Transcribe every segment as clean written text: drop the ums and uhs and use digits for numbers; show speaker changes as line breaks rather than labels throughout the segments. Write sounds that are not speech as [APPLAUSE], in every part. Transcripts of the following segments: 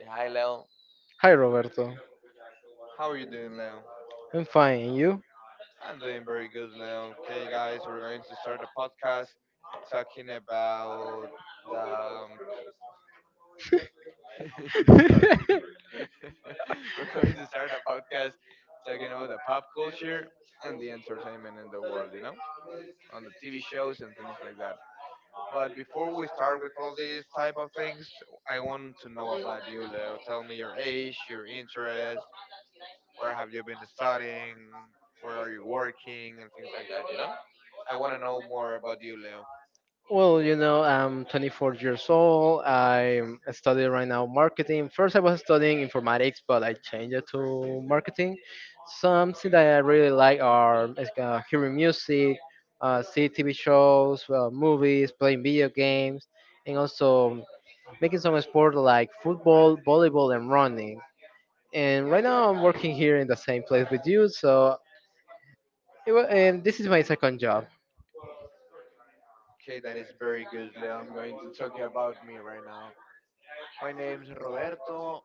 Say hi, Leo.
Hi Roberto.
How are you doing, Leo?
I'm fine, and you?
I'm doing very good, Leo. Okay, guys, we're going to start a podcast talking about the. [LAUGHS] Sorry. [LAUGHS] We're going to start a podcast talking about the pop culture and the entertainment in the world, you know, on the TV shows and things like that. But before we start with all these type of things, I want to know about you, Leo. Tell me your age, your interests, where have you been studying, where are you working, and things like that, you know? I want to know more about you, Leo.
[LAUGHS] Well, I'm 24 years old. I'm studying right now marketing. First, I was studying informatics, but I changed it to marketing. Something that I really like are like, hearing music, see TV shows, movies, playing video games, and also making some sport like football, volleyball, and running. And right now, I'm working here in the same place with you, so and this is my second job.
Okay, that is very good, Leo. I'm going to talk you about me right now. My name's Roberto.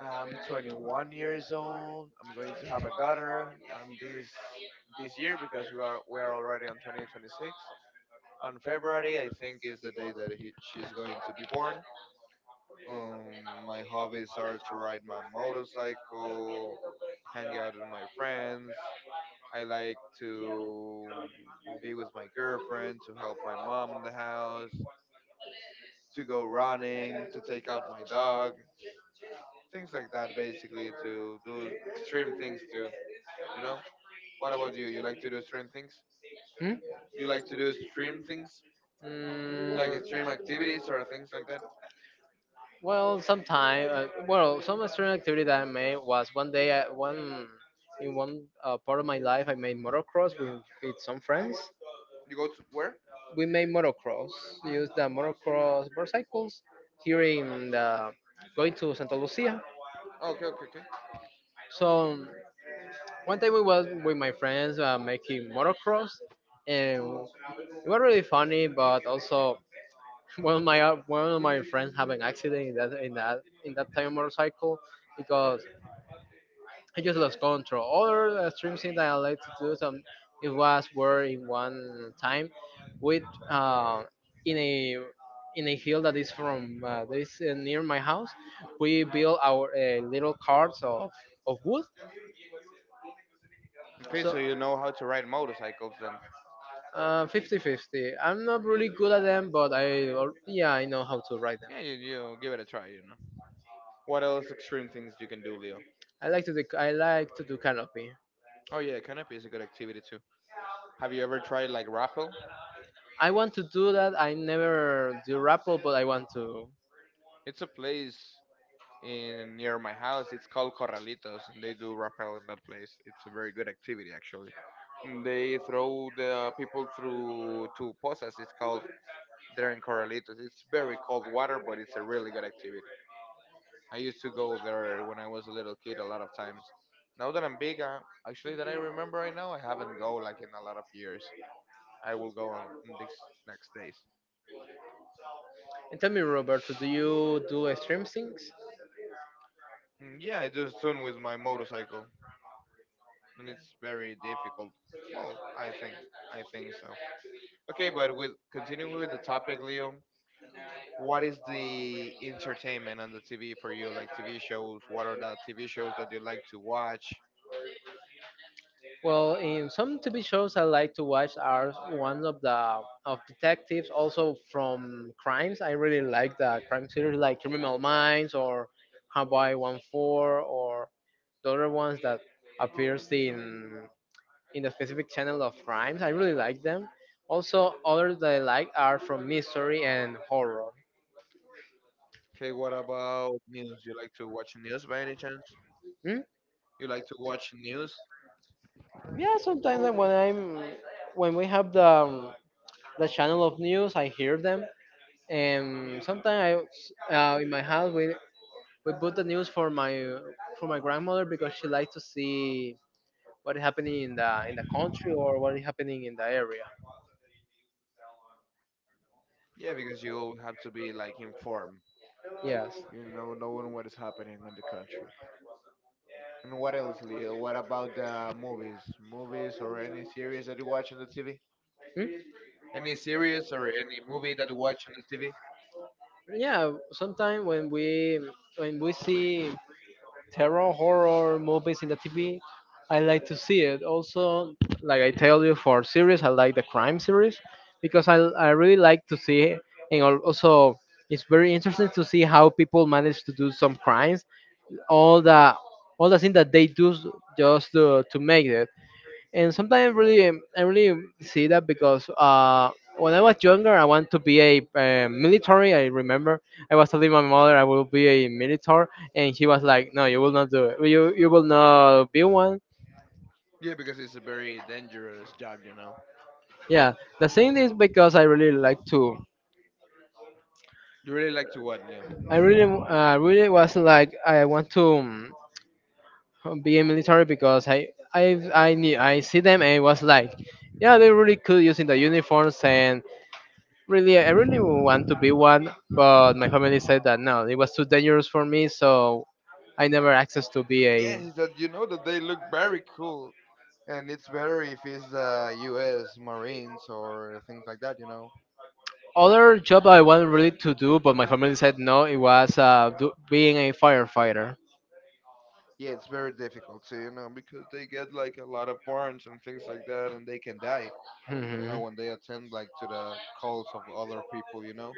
I'm 21 years old. I'm going to have a daughter this this year because we are already on 2026. On February, I think is the day that she's going to be born. My hobbies are to ride my motorcycle, hang out with my friends, I like to be with my girlfriend, to help my mom in the house, to go running, to take out my dog, things like that, basically to do extreme things too, you know? What about you? You like to do extreme things?
Hmm?
You like to do extreme things?
Like,
Like extreme activities or things like that?
Well, sometime. Well, some extreme activity that I made was one day. I, one In one part of my life, I made motocross with some friends.
You go to where?
We made motocross. Used the motocross motorcycles here in the going to Santa Lucia.
Oh, okay, okay, okay.
So one time we was with my friends making motocross, and it was really funny, but also one of my friends have an accident in that time motorcycle because he just lost control. Other extreme thing that I like to do some it was where in one time with uh, in a hill that is from this, near my house we built our little carts of wood.
Okay, so
So,
you know how to ride motorcycles then.
50, fifty. I'm not really good at them, but yeah, I know how to ride them.
Yeah, you give it a try, you know. What else extreme things you can do, Leo?
I like to do canopy.
Oh yeah, canopy is a good activity too. Have you ever tried like rappel?
I want to do that. I never do RAPL, but I want to.
It's a place in near my house. It's called Corralitos, and they do rappel in that place. It's a very good activity actually. And they throw the people through to posas. It's called there in Corralitos. It's very cold water, but it's a really good activity. I used to go there when I was a little kid a lot of times. Now that I'm big, actually that I remember right now, I haven't go like in a lot of years. I will go on next next days.
And tell me, Roberto, do you do extreme things?
Mm, yeah, I just done with my motorcycle, and it's very difficult. Well, I think so. Okay, but with continuing with the topic, Leo, what is the entertainment on the TV for you? Like TV shows? What are the TV shows that you like to watch?
Well, in some TV shows I like to watch are one of the of detectives, also from crimes. I really like the crime series like Criminal Minds or Hawaii 1-4 or the other ones that appears in the specific channel of crimes. I really like them. Also, others that I like are from mystery and horror.
Okay, what about news? You like to watch news by any chance?
Hmm?
You like to watch news?
Yeah, sometimes like, when we have the channel of news, I hear them, and sometimes, I in my house we put the news for my grandmother because she likes to see what is happening in the country or what is happening in the area.
Yeah, because you have to be like informed.
Yes.
You know, knowing what is happening in the country. And what else, Leo? What about the movies? Movies or any series that you watch on the TV?
Hmm?
Any series or a movie that you watch on the TV?
Yeah. Sometimes when we see terror horror movies in the TV, I like to see it. Also, like I tell you, for series, I like the crime series because I really like to see it. And also, it's very interesting to see how people manage to do some crimes. All the all the things that they do just to make it, and sometimes I really see that because when I was younger I want to be a military, I remember. I was telling my mother I will be a military, and she was like, no, you will not do it, you will not be one.
Yeah, because it's a very dangerous job, you know.
Yeah. The thing is because I really like to.
You really like to what, Leo?
I really really was like I want to be a military because I knew, I see them, and it was like, yeah, they really cool using the uniforms, and really, I really want to be one, but my family said that no, it was too dangerous for me, so I never accessed to be
Yeah,
a.
is that you know that they look very cool, and it's better if it's the U.S. Marines or things like that, you know.
Other job I wanted really to do, but my family said no. It was being a firefighter.
Yeah, it's very difficult, so you know, because they get like a lot of burns and things like that, and they can die, you
Hmm.
know, when they attend like to the calls of other people, you know.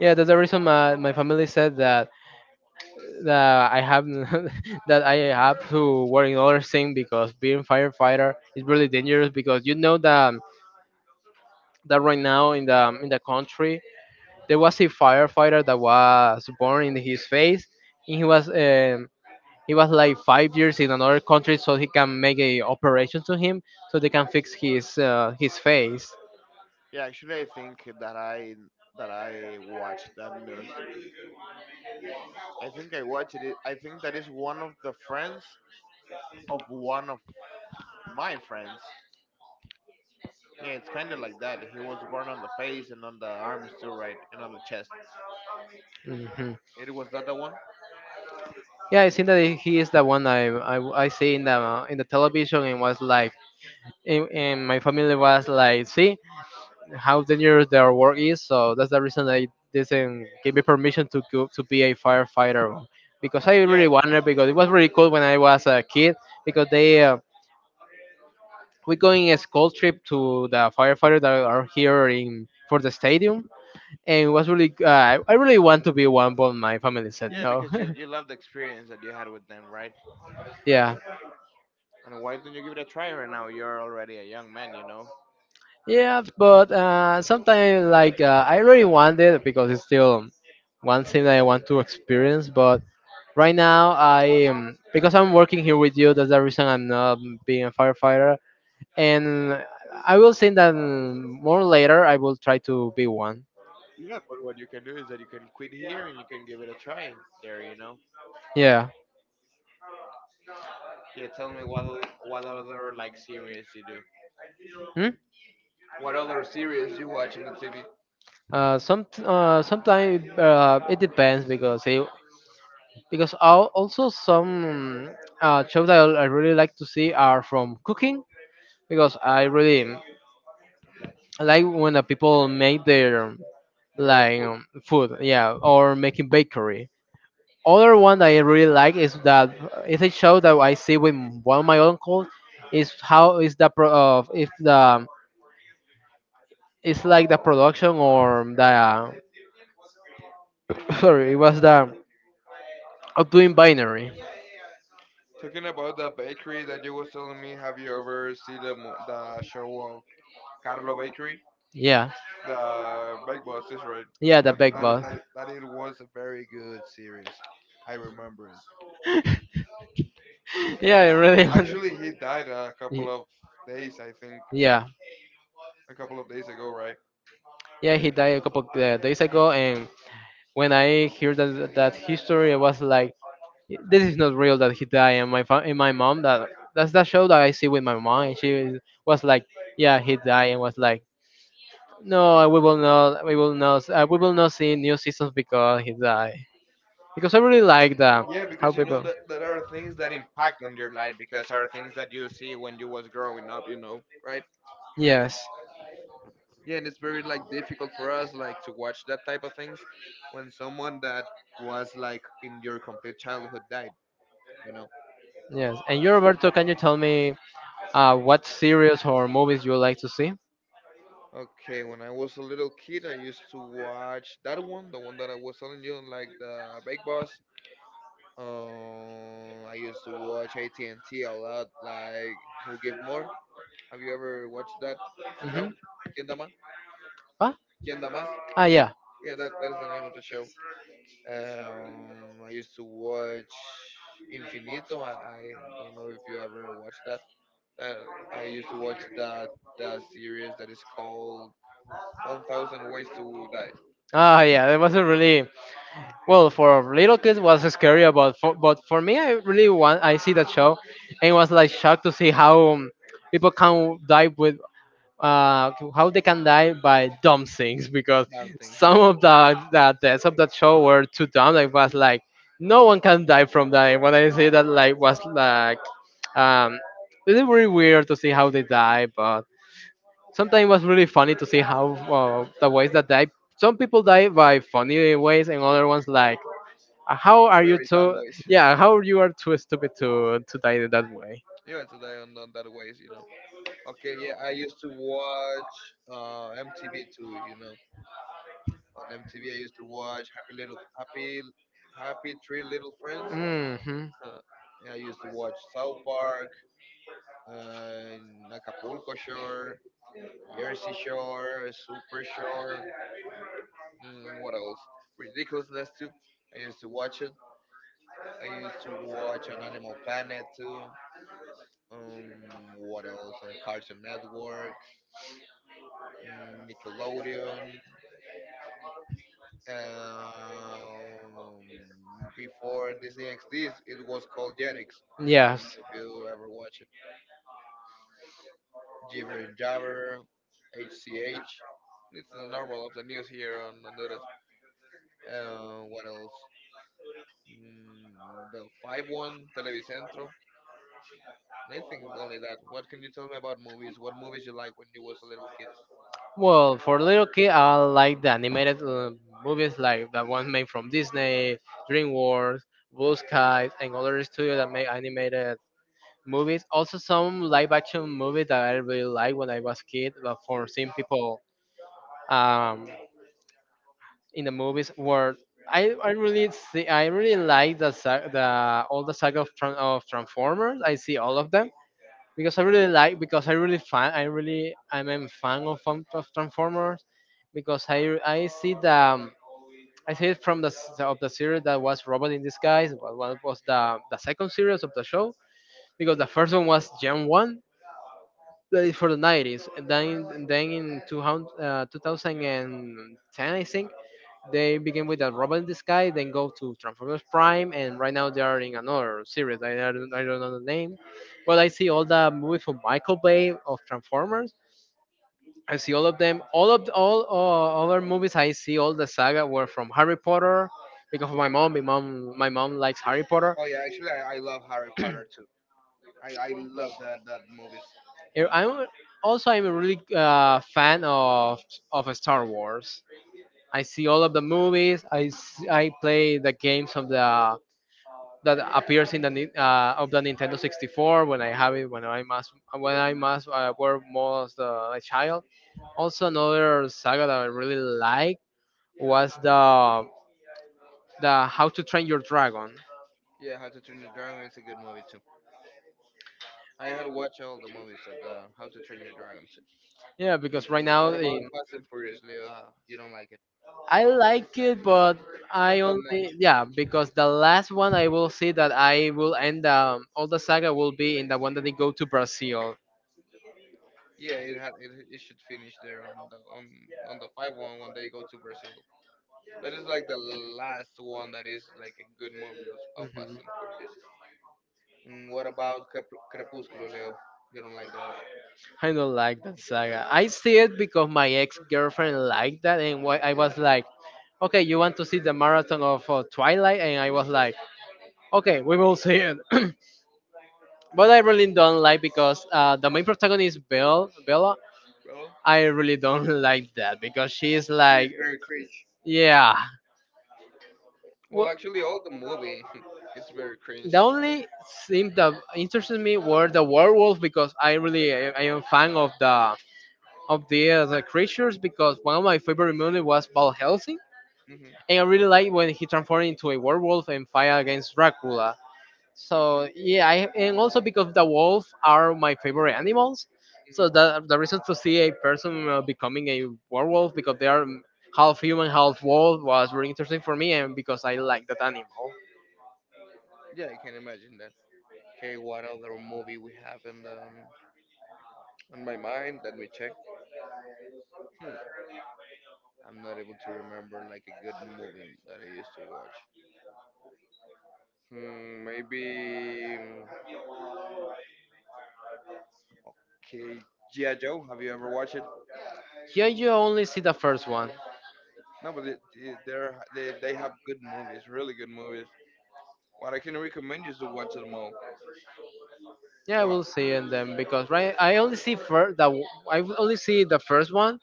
Yeah, that's the reason my family said that I have [LAUGHS] that I have to work in other thing, because being firefighter is really dangerous, because you know that right now in the country there was a firefighter that was born in his face, and he was like 5 years in another country, so he can make a operation to him, so they can fix his face.
Yeah, actually, I think that I watched that news. I think I watched it. I think that is one of the friends of one of my friends. Yeah, it's kind of like that. He was born on the face and on the arms too, right? And on the chest.
Hmm.
It was that the one?
Yeah, I think that he is the one I see in the television, and was like, and my family was like, see how dangerous their work is, so that's the reason I didn't give me permission to go to be a firefighter, because I
Yeah,
really wanted, because it was really cool when I was a kid, because they, we're going a school trip to the firefighters that are here in for the stadium, and it was really I really want to be one, but my family said
yeah,
no.
because you love the experience that you had with them, right?
[LAUGHS] Yeah.
And why don't you give it a try right now? You're already a young man, you know.
Yeah, but sometimes, like, I really want it because it's still one thing that I want to experience, but right now I am, because I'm working here with you, that's the reason I'm not being a firefighter, and I will say that, more later I will try to be one.
Yeah, but what you can do is that you can quit here and you can give it a try there, you know.
Yeah.
Yeah, tell me what what other like series you do.
Hmm?
What other series you watch on the TV?
Sometimes it depends because because also some shows that I really like to see are from cooking, because I really like when the people make their,
Their own
like,
food.
food, yeah, or making bakery. Other one that I really like is that is a show that I see with one of my uncles, is how is the pro, if the, it's like the production or the [LAUGHS] [COUGHS] sorry, it was the of doing binary.
Talking about the bakery that you was telling me, have you ever seen the the show of Carlo Bakery?
Yeah.
The Bake Boss is right.
Yeah, the
That
big
that
boss.
that that it was a very good series. I remember it.
[LAUGHS] Yeah, I really [LAUGHS] want.
Actually, he died a
Ye-
couple of days, I think,
Yeah,
a couple of days ago, right?
yeah, he died a couple days ago, and when I hear that history, I was like, this is not real that he died. And and my mom, that that's that show that I see with my mom, and she was like, yeah, he died, and was like, no, we will not see new seasons because he died. Because I really like that,
Yeah. Yeah,
how
because you know
people.
that there are things that impact on your life because are things that you see when you was growing up, you know, right?
Yes,
Yeah, and it's very like difficult for us like to watch that type of things when someone that was like in your complete childhood died, you know.
yes. And you, Roberto, can you tell me, what series or movies you like to see?
Okay, when I was a little kid I used to watch that one, the one that I was telling you, like the big boss. Um, I used to watch at&t a lot, like who give more. Have you ever watched that
Hmm?
show? Quien da más.
What?
Quien da más.
Ah, yeah.
Yeah, that, that is the name of the show. I used to watch Infinito. I don't know if you ever watched that. Uh, I used to watch that the series that is called 1,000 Ways to Die.
Ah, yeah. It was a really, well, for little kids was scary, but for me, I really want I see that show, and was like shocked to see how, people can dive with, how they can die by dumb things, because
Damn things
some
there.
of the deaths of that show were too dumb. Like was like, no one can die from that. And when I say that, like was like, um, it is very weird to see how they die, but sometimes it was really funny to see how, the ways that die. Some people die by funny ways, and other ones like, how are you
Very dumb
too?
ways.
Yeah,
[LAUGHS]
how you are too stupid to die that way.
Yeah, to die on that ways, you know. Okay, yeah, I used to watch MTV too, you know. On MTV, I used to watch Happy Little Happy Happy Three Little Friends.
Mm-hmm.
[LAUGHS] Yeah, I used to watch South Park, in Acapulco Shore, Jersey Shore, Super Shore. Mm, what else? Ridiculousness too. I used to watch it. I used to watch on Animal Planet too. What else? On Cartoon Network, mm, Nickelodeon. Um, Before Disney XD, it was called Jetix. I don't know
Yes.
if you ever watch it. Jiver and Jabber, HCH. It's the normal of the news here on Honduras. What else? Mm, the 51 Televicentro. I think only that. What can you tell me about movies? What movies you like when you was a little kid?
Well, for little kid, I like the animated movies like the one made from Disney, DreamWorks, Blue Skies, and other studios that make animated movies. Also, some live-action movies that I really liked when I was kid, but for seeing people, um, in the movies were. I really like the sa- the all the saga of Transformers. I see all of them, because I really like, because I really fan I really I'm a fan of Transformers, because I see the, I see it from the of the series that was Robot in Disguise, was the second series of the show, because the first one was Gen One that is for the 90s, and then in 200, 2010, I think, they begin with a Robot in the Sky, then go to Transformers Prime, and right now they are in another series. I don't know the name, but I see all the movies from Michael Bay of Transformers. I see all of them. All of all other movies I see, all the saga were from Harry Potter because of My mom, My mom likes Harry Potter.
Oh yeah, actually I love Harry
Yeah.
Potter too. I love that that movies.
[CLEARS THROAT] I'm also, I'm a really fan of Star Wars. I see all of the movies. I play the games of the that appears in of the Nintendo 64 when I have it, when I must, were most, a child. Also, another saga that I really like was the How to Train Your Dragon.
Yeah, How to Train Your Dragon is a good movie too. I had to watch all the movies of the How to Train Your Dragon too.
Yeah, because right now
What about
in.
Fast and Furious, Leo? You don't like it?
I like it, but
Not
I
that much.
only, yeah, because the last one I will see that I will end, all the saga will be in the one that they go to Brazil.
Yeah, it had it, it should finish there on the 51 when they go to Brazil. That is like the last one that is like a good movie of Fast
Mhm.
and Furious. Mm, what about Crepúsculo, Leo? You don't like that,
I don't like that saga. I see it because my ex girlfriend liked that, and why I was like, okay, you want to see the marathon of, Twilight? And I was like, okay, we will see it. [CLEARS THROAT] But I really don't like because the main protagonist, Bella,
bro?
I really don't [LAUGHS] like that because she is
It's
like,
very
yeah.
well,
Well,
actually, all the movie, [LAUGHS] it's very cringe.
the only thing that interested me were the werewolves because I am fan of the other creatures because one of my favorite movies was Val Helsing,
Hmm.
and I really like when he transformed into a werewolf and fight against Dracula. So yeah, and also because the wolf are my favorite animals, so
Hmm.
that the reason to see a person becoming a werewolf because they are half human, half wolf was really interesting for me, and because I like that animal.
Yeah, I can imagine that. Okay, what other movie we have in on my mind? Let me check. Hmm. I'm not able to remember like a good movie that I used to watch. Hmm, maybe. Mm, okay, G.I. Joe. Have you ever watched it?
Yeah, you only see the first one.
No, but it, they're, they have good movies, really good movies. What I can recommend you is to watch them all.
Yeah, I
What
will see and then because right, I will only see the first one.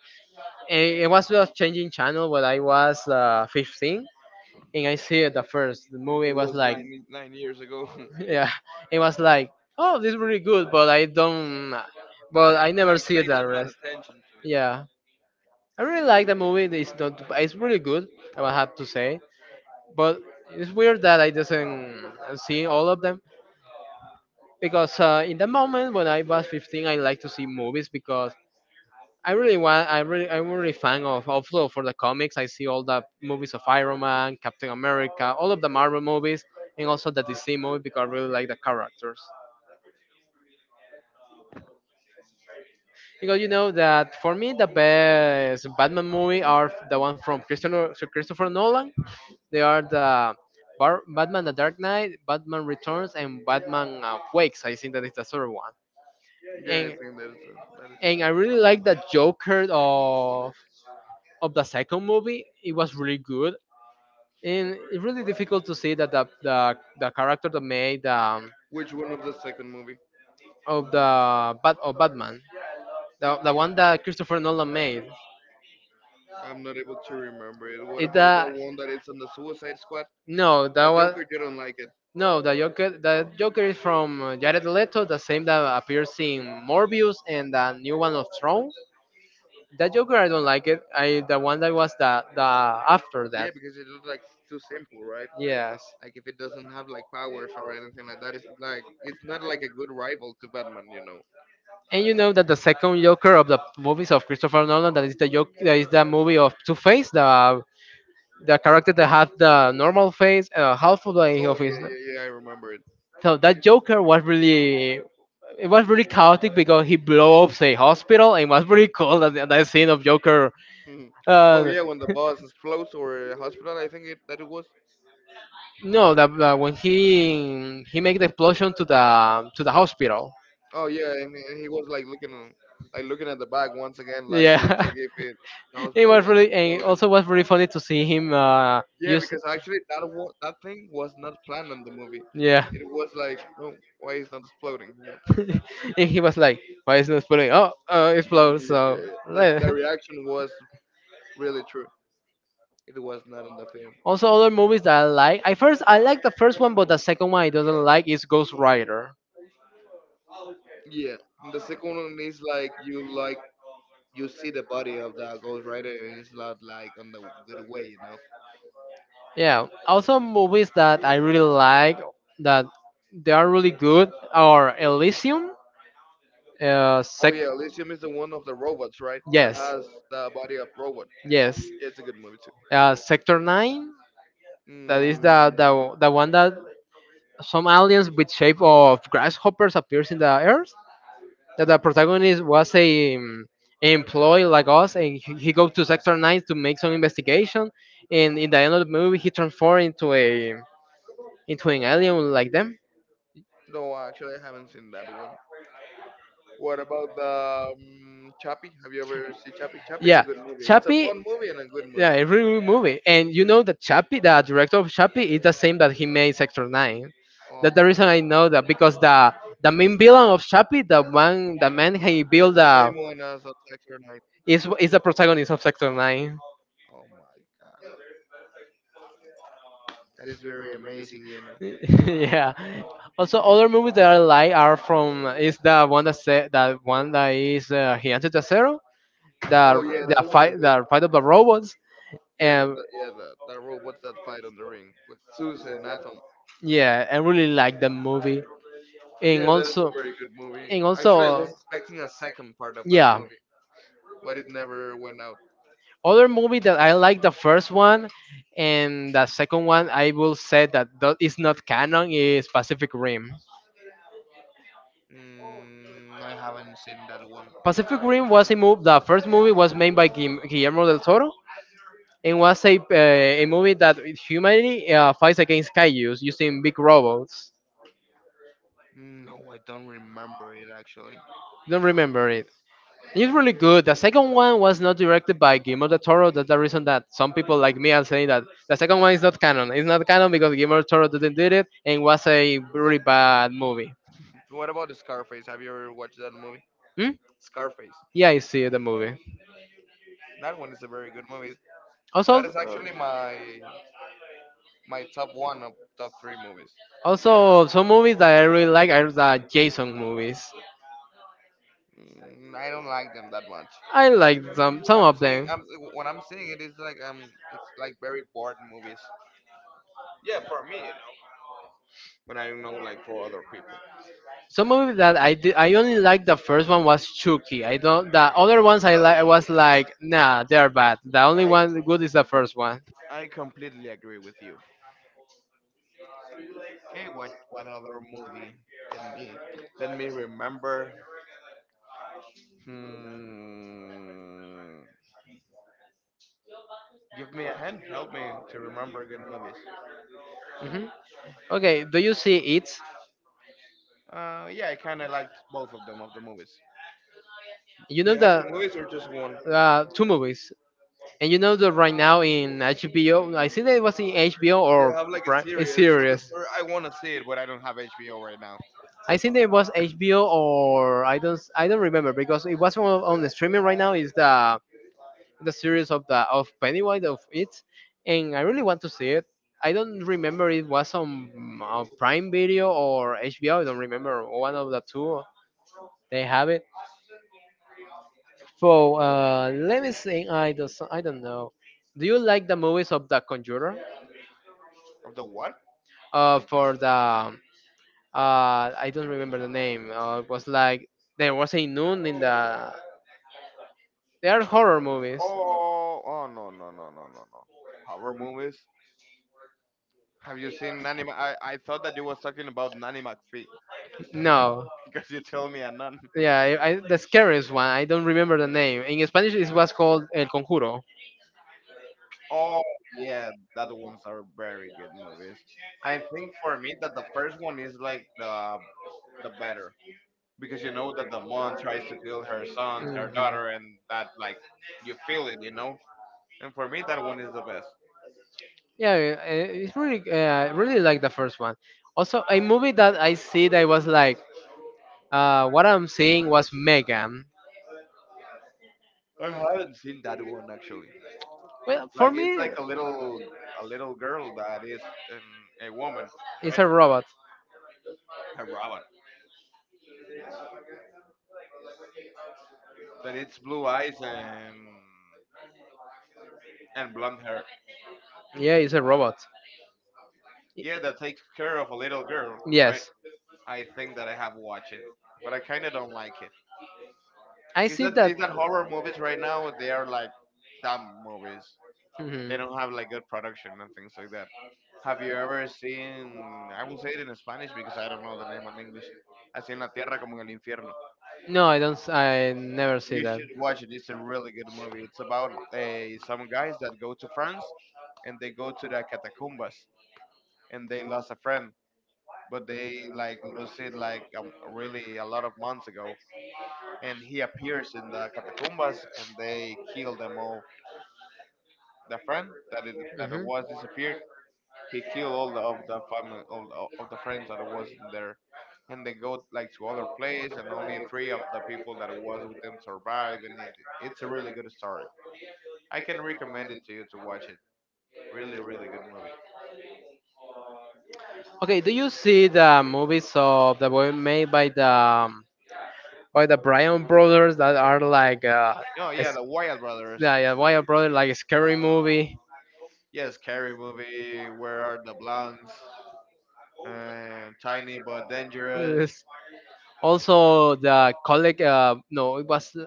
It was just changing channel when I was 15, and I see it the first. The movie
it
was
was
like,
9 9 years ago. [LAUGHS]
[LAUGHS] yeah, it was like, oh, this is really good, but I never
Like
see it
pay that
the
amount
rest.
of attention to it.
Yeah, I really like the movie. It's not, it's really good, I will have to say, but it's weird that I does not see all of them because in the moment when I was 15, I like to see movies because I really want. I really. I'm really fan of also for the comics. I see all the movies of Iron Man, Captain America, all of the Marvel movies, and also the DC movie because I really like the characters. Because you know that for me the best Batman movie are the one from Christopher Nolan. They are the Batman: The Dark Knight, Batman Returns, and Batman Wakes. I think that is the third one.
Yeah, I
And
think that is a
and I
fact.
really like the Joker of the second movie. It was really good, and it's really difficult to see that the character that made
Which one of the second movie?
of the bat of Batman, the one that Christopher Nolan made.
I'm not able to remember it. What
It
about the
the
one that is on the Suicide Squad?
No, that was
Joker, you don't like it.
no, the Joker. The Joker is from Jared Leto, the same that appears in Morbius and the new one of Throne. That Joker I don't like it. I the one that was the after
Yeah,
that.
because it looks like it's too simple, right?
Yes.
Like if it doesn't have like powers or anything like that, it's like it's not like a good rival to Batman, you know.
And you know that the second Joker of the movies of Christopher Nolan, that is the movie of Two Face, the character that had the normal face, half of the
Oh
of his.
yeah, yeah, yeah, I remember
So that Joker was really, it was really chaotic because he blew up a hospital, and it was really cool that that scene of Joker.
it. [LAUGHS] Oh
Uh,
yeah, when the bus explodes or a hospital, I think it that it was.
no, that when he make the explosion to the hospital.
Oh yeah, and he was like looking at the back once again, like to
Yeah.
check if it the
[LAUGHS] It
hospital was
was really, and
exploded.
also was really funny to see him
Yeah,
use.
because actually that thing was not planned in the movie. It
Yeah.
was like, no, why is that exploding? You know?
[LAUGHS] And he was like, "Why is not exploding? Oh,
Yeah,
explode!"
yeah, yeah. That
Like-
that reaction was really true. It was not in the film.
Also, other movies that I like, I first I like the first one, but the second one I doesn't like is Ghost Rider.
Yeah, and the second one is like you see the body of the Ghost Rider and it's not like on the good way, you know.
Yeah. Also movies that I really like, that they are really good, are Elysium. Uh,
Oh
sec-
yeah, Elysium is the one of the robots, right? That
Yes.
has the body of robot.
Yes.
Yeah, it's a good movie too.
Sector Nine. That is
Mm,
the one that some aliens with shape of grasshoppers appears in the earth, that the protagonist was a employee like us, and he goes to sector 9 to make some investigation, and in the end of the movie he transforms into a into an alien like them.
no, actually, I haven't seen that one. What about the Chappie? Have you ever seen Chappie? Chappie is a
Yeah,
good movie. It's a
Chappie.
fun movie and a good
Yeah,
movie.
a really good movie. And you know that Chappie, the director of Chappie, is the same that he made Sector Nine.
Oh
That's the
my!
reason I know that, because the main villain of Chappie, the man he built,
It's the same one as a Sector Night.
is the protagonist of Sector Nine.
Oh my God, that is very amazing. You know.
[LAUGHS] Yeah. Also, other movies that I like are from is the one that said that one that is Gigante Zero. Oh the
Oh yeah,
yeah,
that one is good.
the fight of the robots, and.
Yeah, the robots that fight on the ring with Zeus and Atom.
Yeah, I really like the movie, and
Yeah, that is a
also,
very good movie.
and
Actually, I
also,
was expecting a second part of that
yeah.
movie, but it never went out.
Other movie that I like the first one, and the second one I will say that that is not canon is Pacific Rim.
Mm, I haven't seen that one.
Pacific Rim was a movie. The first movie was made by Guillermo del Toro, and was a movie that humanity fights against kaijus using big robots.
Mm, no, I don't remember it actually.
Don't remember it. It's really good. The second one was not directed by Guillermo del Toro. That's the reason that some people like me are saying that the second one is not canon. It's not canon because Guillermo del Toro didn't did it, and was a really bad movie.
What about the Scarface? Have you ever watched that movie?
Hmm?
Scarface.
Yeah, I see the movie.
That one is a very good movie.
Also,
That is actually my my top one of top three movies.
also some movies that I really like are the Jason movies.
Mm, I don't like them that much.
I like some
I'm
of them.
saying I'm When I'm saying it is like it's like very boring movies. Yeah, for me, But I don't know like for other people.
Some movie that I did, I only liked the first one, was Chucky. I don't. The other ones I like was
Yeah,
like, nah, they're bad. The only one good is the first one.
I completely agree with you. Okay, what other movie? Let me let me remember. Hmm. Give me a hand. Help me to remember good movies.
Hmm. Okay, do you see it?
Yeah, I kind of liked both of them of the movies.
You
Do
know
you have
the
some movies or just one?
two movies, and you know that right now in HBO. I think that it was in HBO or
They have like a
A
series of the
series.
I want to see it, but I don't have HBO right now.
I think that it was HBO or I don't remember because it was on the streaming right now. Is the series of the of Pennywise of it, and I really want to see it. I don't remember it was on Prime Video or HBO. I don't remember one of the two. They have it. So let me see. I don't. I don't know. Do you like the movies of The Conjurer?
Of the what?
For the I don't remember the name. It was like there was a noon in the. They are horror movies.
Oh, oh no no no no no no. Horror movies. Have you seen Nanny? I thought that you was talking about Nanny McPhee
No.
[LAUGHS] because you told me a nun.
Yeah, the scariest one. I don't remember the name. In Spanish, it was called El Conjuro.
Oh, yeah, that ones are very good movies. I think for me that the first one is like the better, because you know that the mom tries to kill her sons, her
Mm.
daughter, and that like you feel it, you know. And for me, that one is the best.
Yeah, it's really, really like the first one. Also, a movie that I see that was like, what I'm seeing, was Megan.
I haven't seen that one actually.
Well, for
Like it's
me,
like a little girl that is a woman,
it's
right?
a robot.
A robot that it's blue eyes and blonde hair.
Yeah, it's a robot. Y-
Yeah, that takes care of a little girl, right?
Yes,
I think that I have watched it, but I kind of don't like it.
I
Is
see
that
that.
is that horror movies right now? They are like dumb movies.
Mhm.
They don't have like good production and things like that. Have you ever seen? I will say it in Spanish because I don't know the name in English. Así en la tierra como en el infierno.
No, I don't. S- I never
You
see that.
should watch it. It's a really good movie. It's about some guys that go to France and they go to the catacombas and they lost a friend, but they like lose it like really a lot of months ago, and he appears in the catacombas and they kill them all. The friend that it
Mhm.
was disappeared, he killed all the, of the family all the, of the friends that it was in there, and they go like to other place, and only three of the people that it was with them survive, and it's a really good story. I can recommend it to you to watch it. Really, really good movie.
Okay, do you see the movies of the boy made by the Bryan brothers that are like
Oh yeah, the Wyatt brothers.
the Bryan brother like a scary movie?
Yes, scary movie. Where are the blondes? Tiny but dangerous.
Also, the colleague, no, it was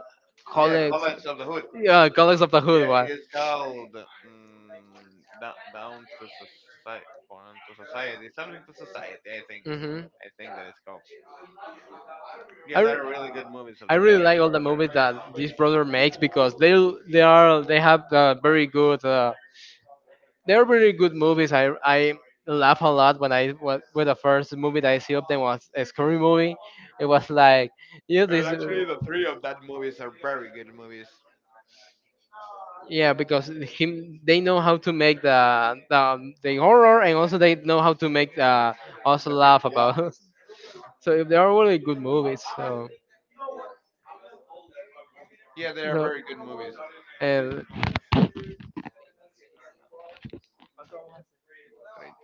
Yeah,
colleagues.
College of the Hood.
Yeah, colleagues of the
Yeah,
hood one.
it is called down, down to society, born to society, something to society.
Hmm.
I think that it's called. Yeah,
I,
there
re-
are really good movies of
I
the
really
Wyatt
like all the
brothers,
movies that this brother makes because they have very good they are very good movies. I laugh a lot when when the first movie that I see of them was a scary movie. It was like yeah
and
this.
actually the 3 of that movies are very good movies.
Yeah, because him they know how to make the horror, and also they know how to make us
The
laugh
people love.
about. [LAUGHS] So if they are really good movies.
Yeah, they are very good
So
movies.
el
Right.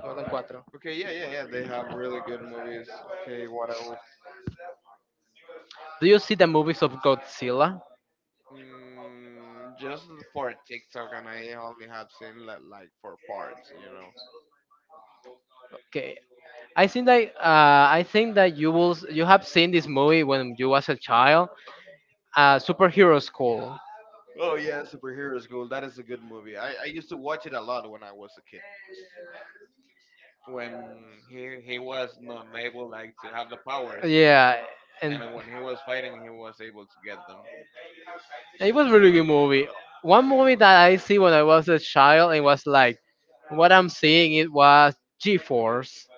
faltan cuatro.
Okay, yeah, yeah, yeah. They have really good movies. Okay, what else?
Do you see the movies of Godzilla?
Mm, just for TikTok, and I only have seen like 4 parts. You know.
Okay. I think that you have seen this movie when you was a child, superhero school.
Oh yeah, Superheroes School. That is a good movie. I used to watch it a lot when I was a kid. When he was not able like to have the powers,
Yeah, and
and when he was fighting, he was able to get them.
it was a really good movie. One movie that I see when I was a child, it was like what I'm seeing, it was G-force.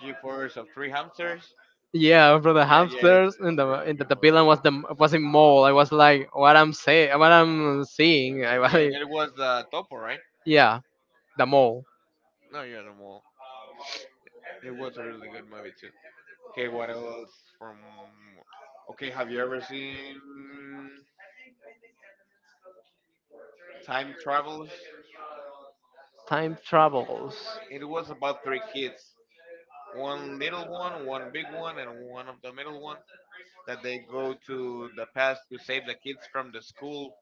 G Force of Three Hamsters.
Yeah, from the
Yeah, yeah, it's,
hamsters,
it's
and
a really good
the
movie.
villain was the was a mole. I was like, what I'm saying, what I'm seeing. I was
Yeah,
like,
and it was the Topo, right?
yeah, the mole.
No, you're the mole. It was a really good movie too. Okay, what else from? Okay, have you ever seen Time Travels?
Time travels.
It was about three kids, one little one, one big one, and one of the middle one, that they go to the past to save the kids from the school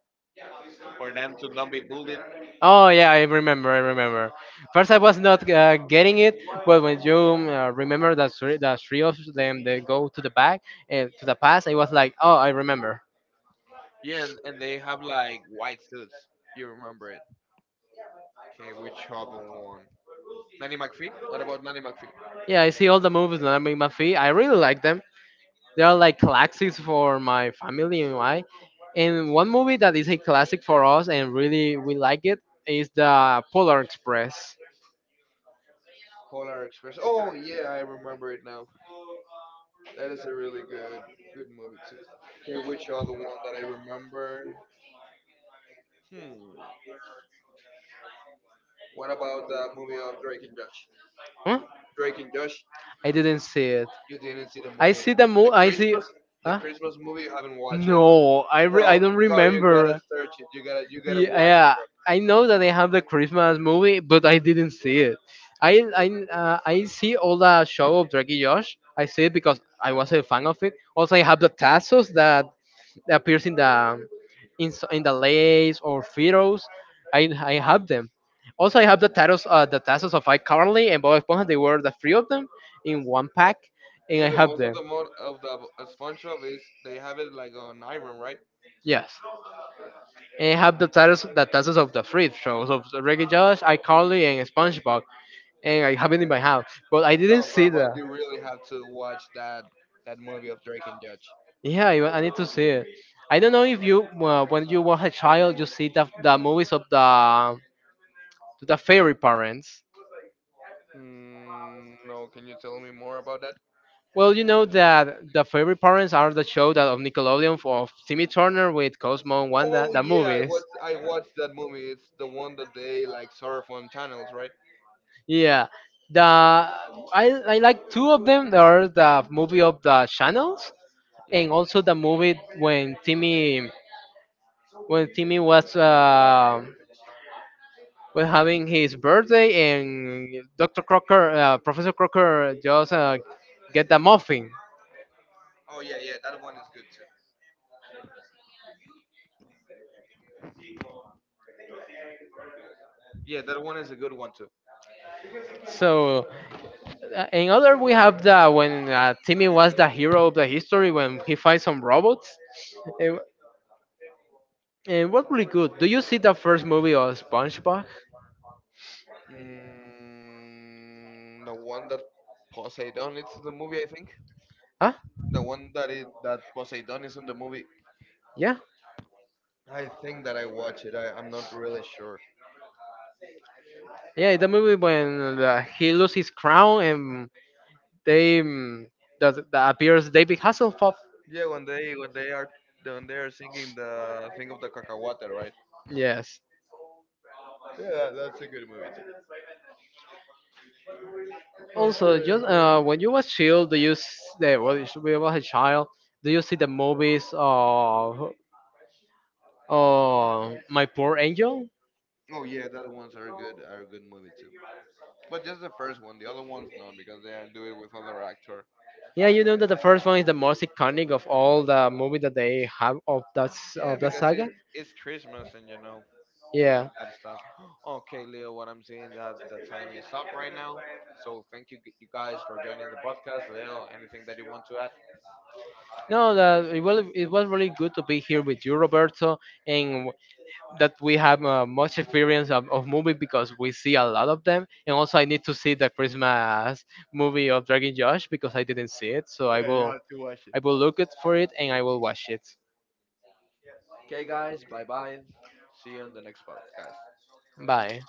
for them to not be bullied.
Oh yeah, I remember. I remember. First, I was not getting it, but when you remember that three of them they go to the back and to the past, I was like, oh, I remember.
Yeah, and they have like white suits. You remember it? Okay, which other one? Nanny McPhee? What about Nanny McPhee?
Yeah, I see all the movies that I make my feet. I really like them. They are like classics for my family and I. And one movie that is a classic for us, and really we like it, is the Polar Express.
Polar Express. Oh yeah, I remember it now. That is a really good good movie too. Okay, which other one I remember? Hmm. What about the movie of Drake and Josh?
Huh?
Drake and Josh.
I didn't see it.
You didn't see the
I
movie.
see the
The
movie. I see.
Christmas the
Huh?
Christmas movie you haven't watched it.
I
Bro,
don't
bro, you gotta
remember.
search it. You gotta watch
Yeah, I know that they have the Christmas movie, but I didn't see it. I I I see all the show of Draggy Josh. I see it because I was a fan of it. Also, I have the Tassos that that appears in the in the lays or photos. I have them. Also, I have the titles of iCarly and Bob Esponja. They were the three of them in one pack,
it.
and
Yeah,
I
the
have
ones of
them.
the mode of the SpongeBob is they have it like on Iron, right?
Yes, and I have the titles of the three shows of Reggie Josh, iCarly, and SpongeBob, and I have it in my house. But I didn't
No, bro,
see
but
the.
you really have to watch that movie of Drake and Judge.
Yeah, I need to see it. I don't know if you, when you were a child, you see the movies of the to the fairy parents.
Mm, no, can you tell me more about that?
Well, you know that the favorite parents are the show that of Nickelodeon for of Timmy Turner with Cosmo and Wanda,
Oh
the
yeah, I
movies.
watched I watched that movie. It's the one that they like surf on channels, right?
Yeah, the I like two of them. There are the movie of the channels,
Yeah.
and also the movie when Timmy was having his birthday, and Dr. Crocker, Professor Crocker, just get the muffin.
Oh yeah, yeah, that one is good too. Yeah, that one is a good one too.
So. In other, we have the when Timmy was the hero of the history when he finds some robots. And, and what really good? Do you see the first movie of SpongeBob?
Mm, the one that Poseidon it's in the movie, I think.
Huh?
The one that it that Poseidon is in the movie.
Yeah,
I think that I watch it. I'm not really sure.
yeah. The movie when he loses his crown, and they that appears David Hasselhoff.
Yeah, when they are singing the thing of the cacahuate, right?
Yes.
Yeah, that's a good movie too.
Also,
Okay,
just
wait.
when you was child, well, you should be was a child. Do you see the movies of oh, My Poor Angel?
Oh yeah, that ones are good are a good movie too. But just the first one, the other ones no, because they are do it with other actor.
Yeah, you know that the first one is the most iconic of all the movie that they have of
Yeah,
of that
because
saga.
it's Christmas and you know
Yeah,
that stuff. [GASPS] Okay, Leo, what I'm seeing that the time is up right now. So thank you, you guys, for joining the podcast. Leo, anything that you want to add?
no, it was really good to be here with you, Roberto, and w- that we have much experience of movie because we see a lot of them. And also, I need to see the Christmas movie of Dragon Josh because I didn't see it, so
Yeah, you have to watch it.
I will look it for it, and I will watch it.
Okay, guys, bye bye. See you on the next podcast.
Bye.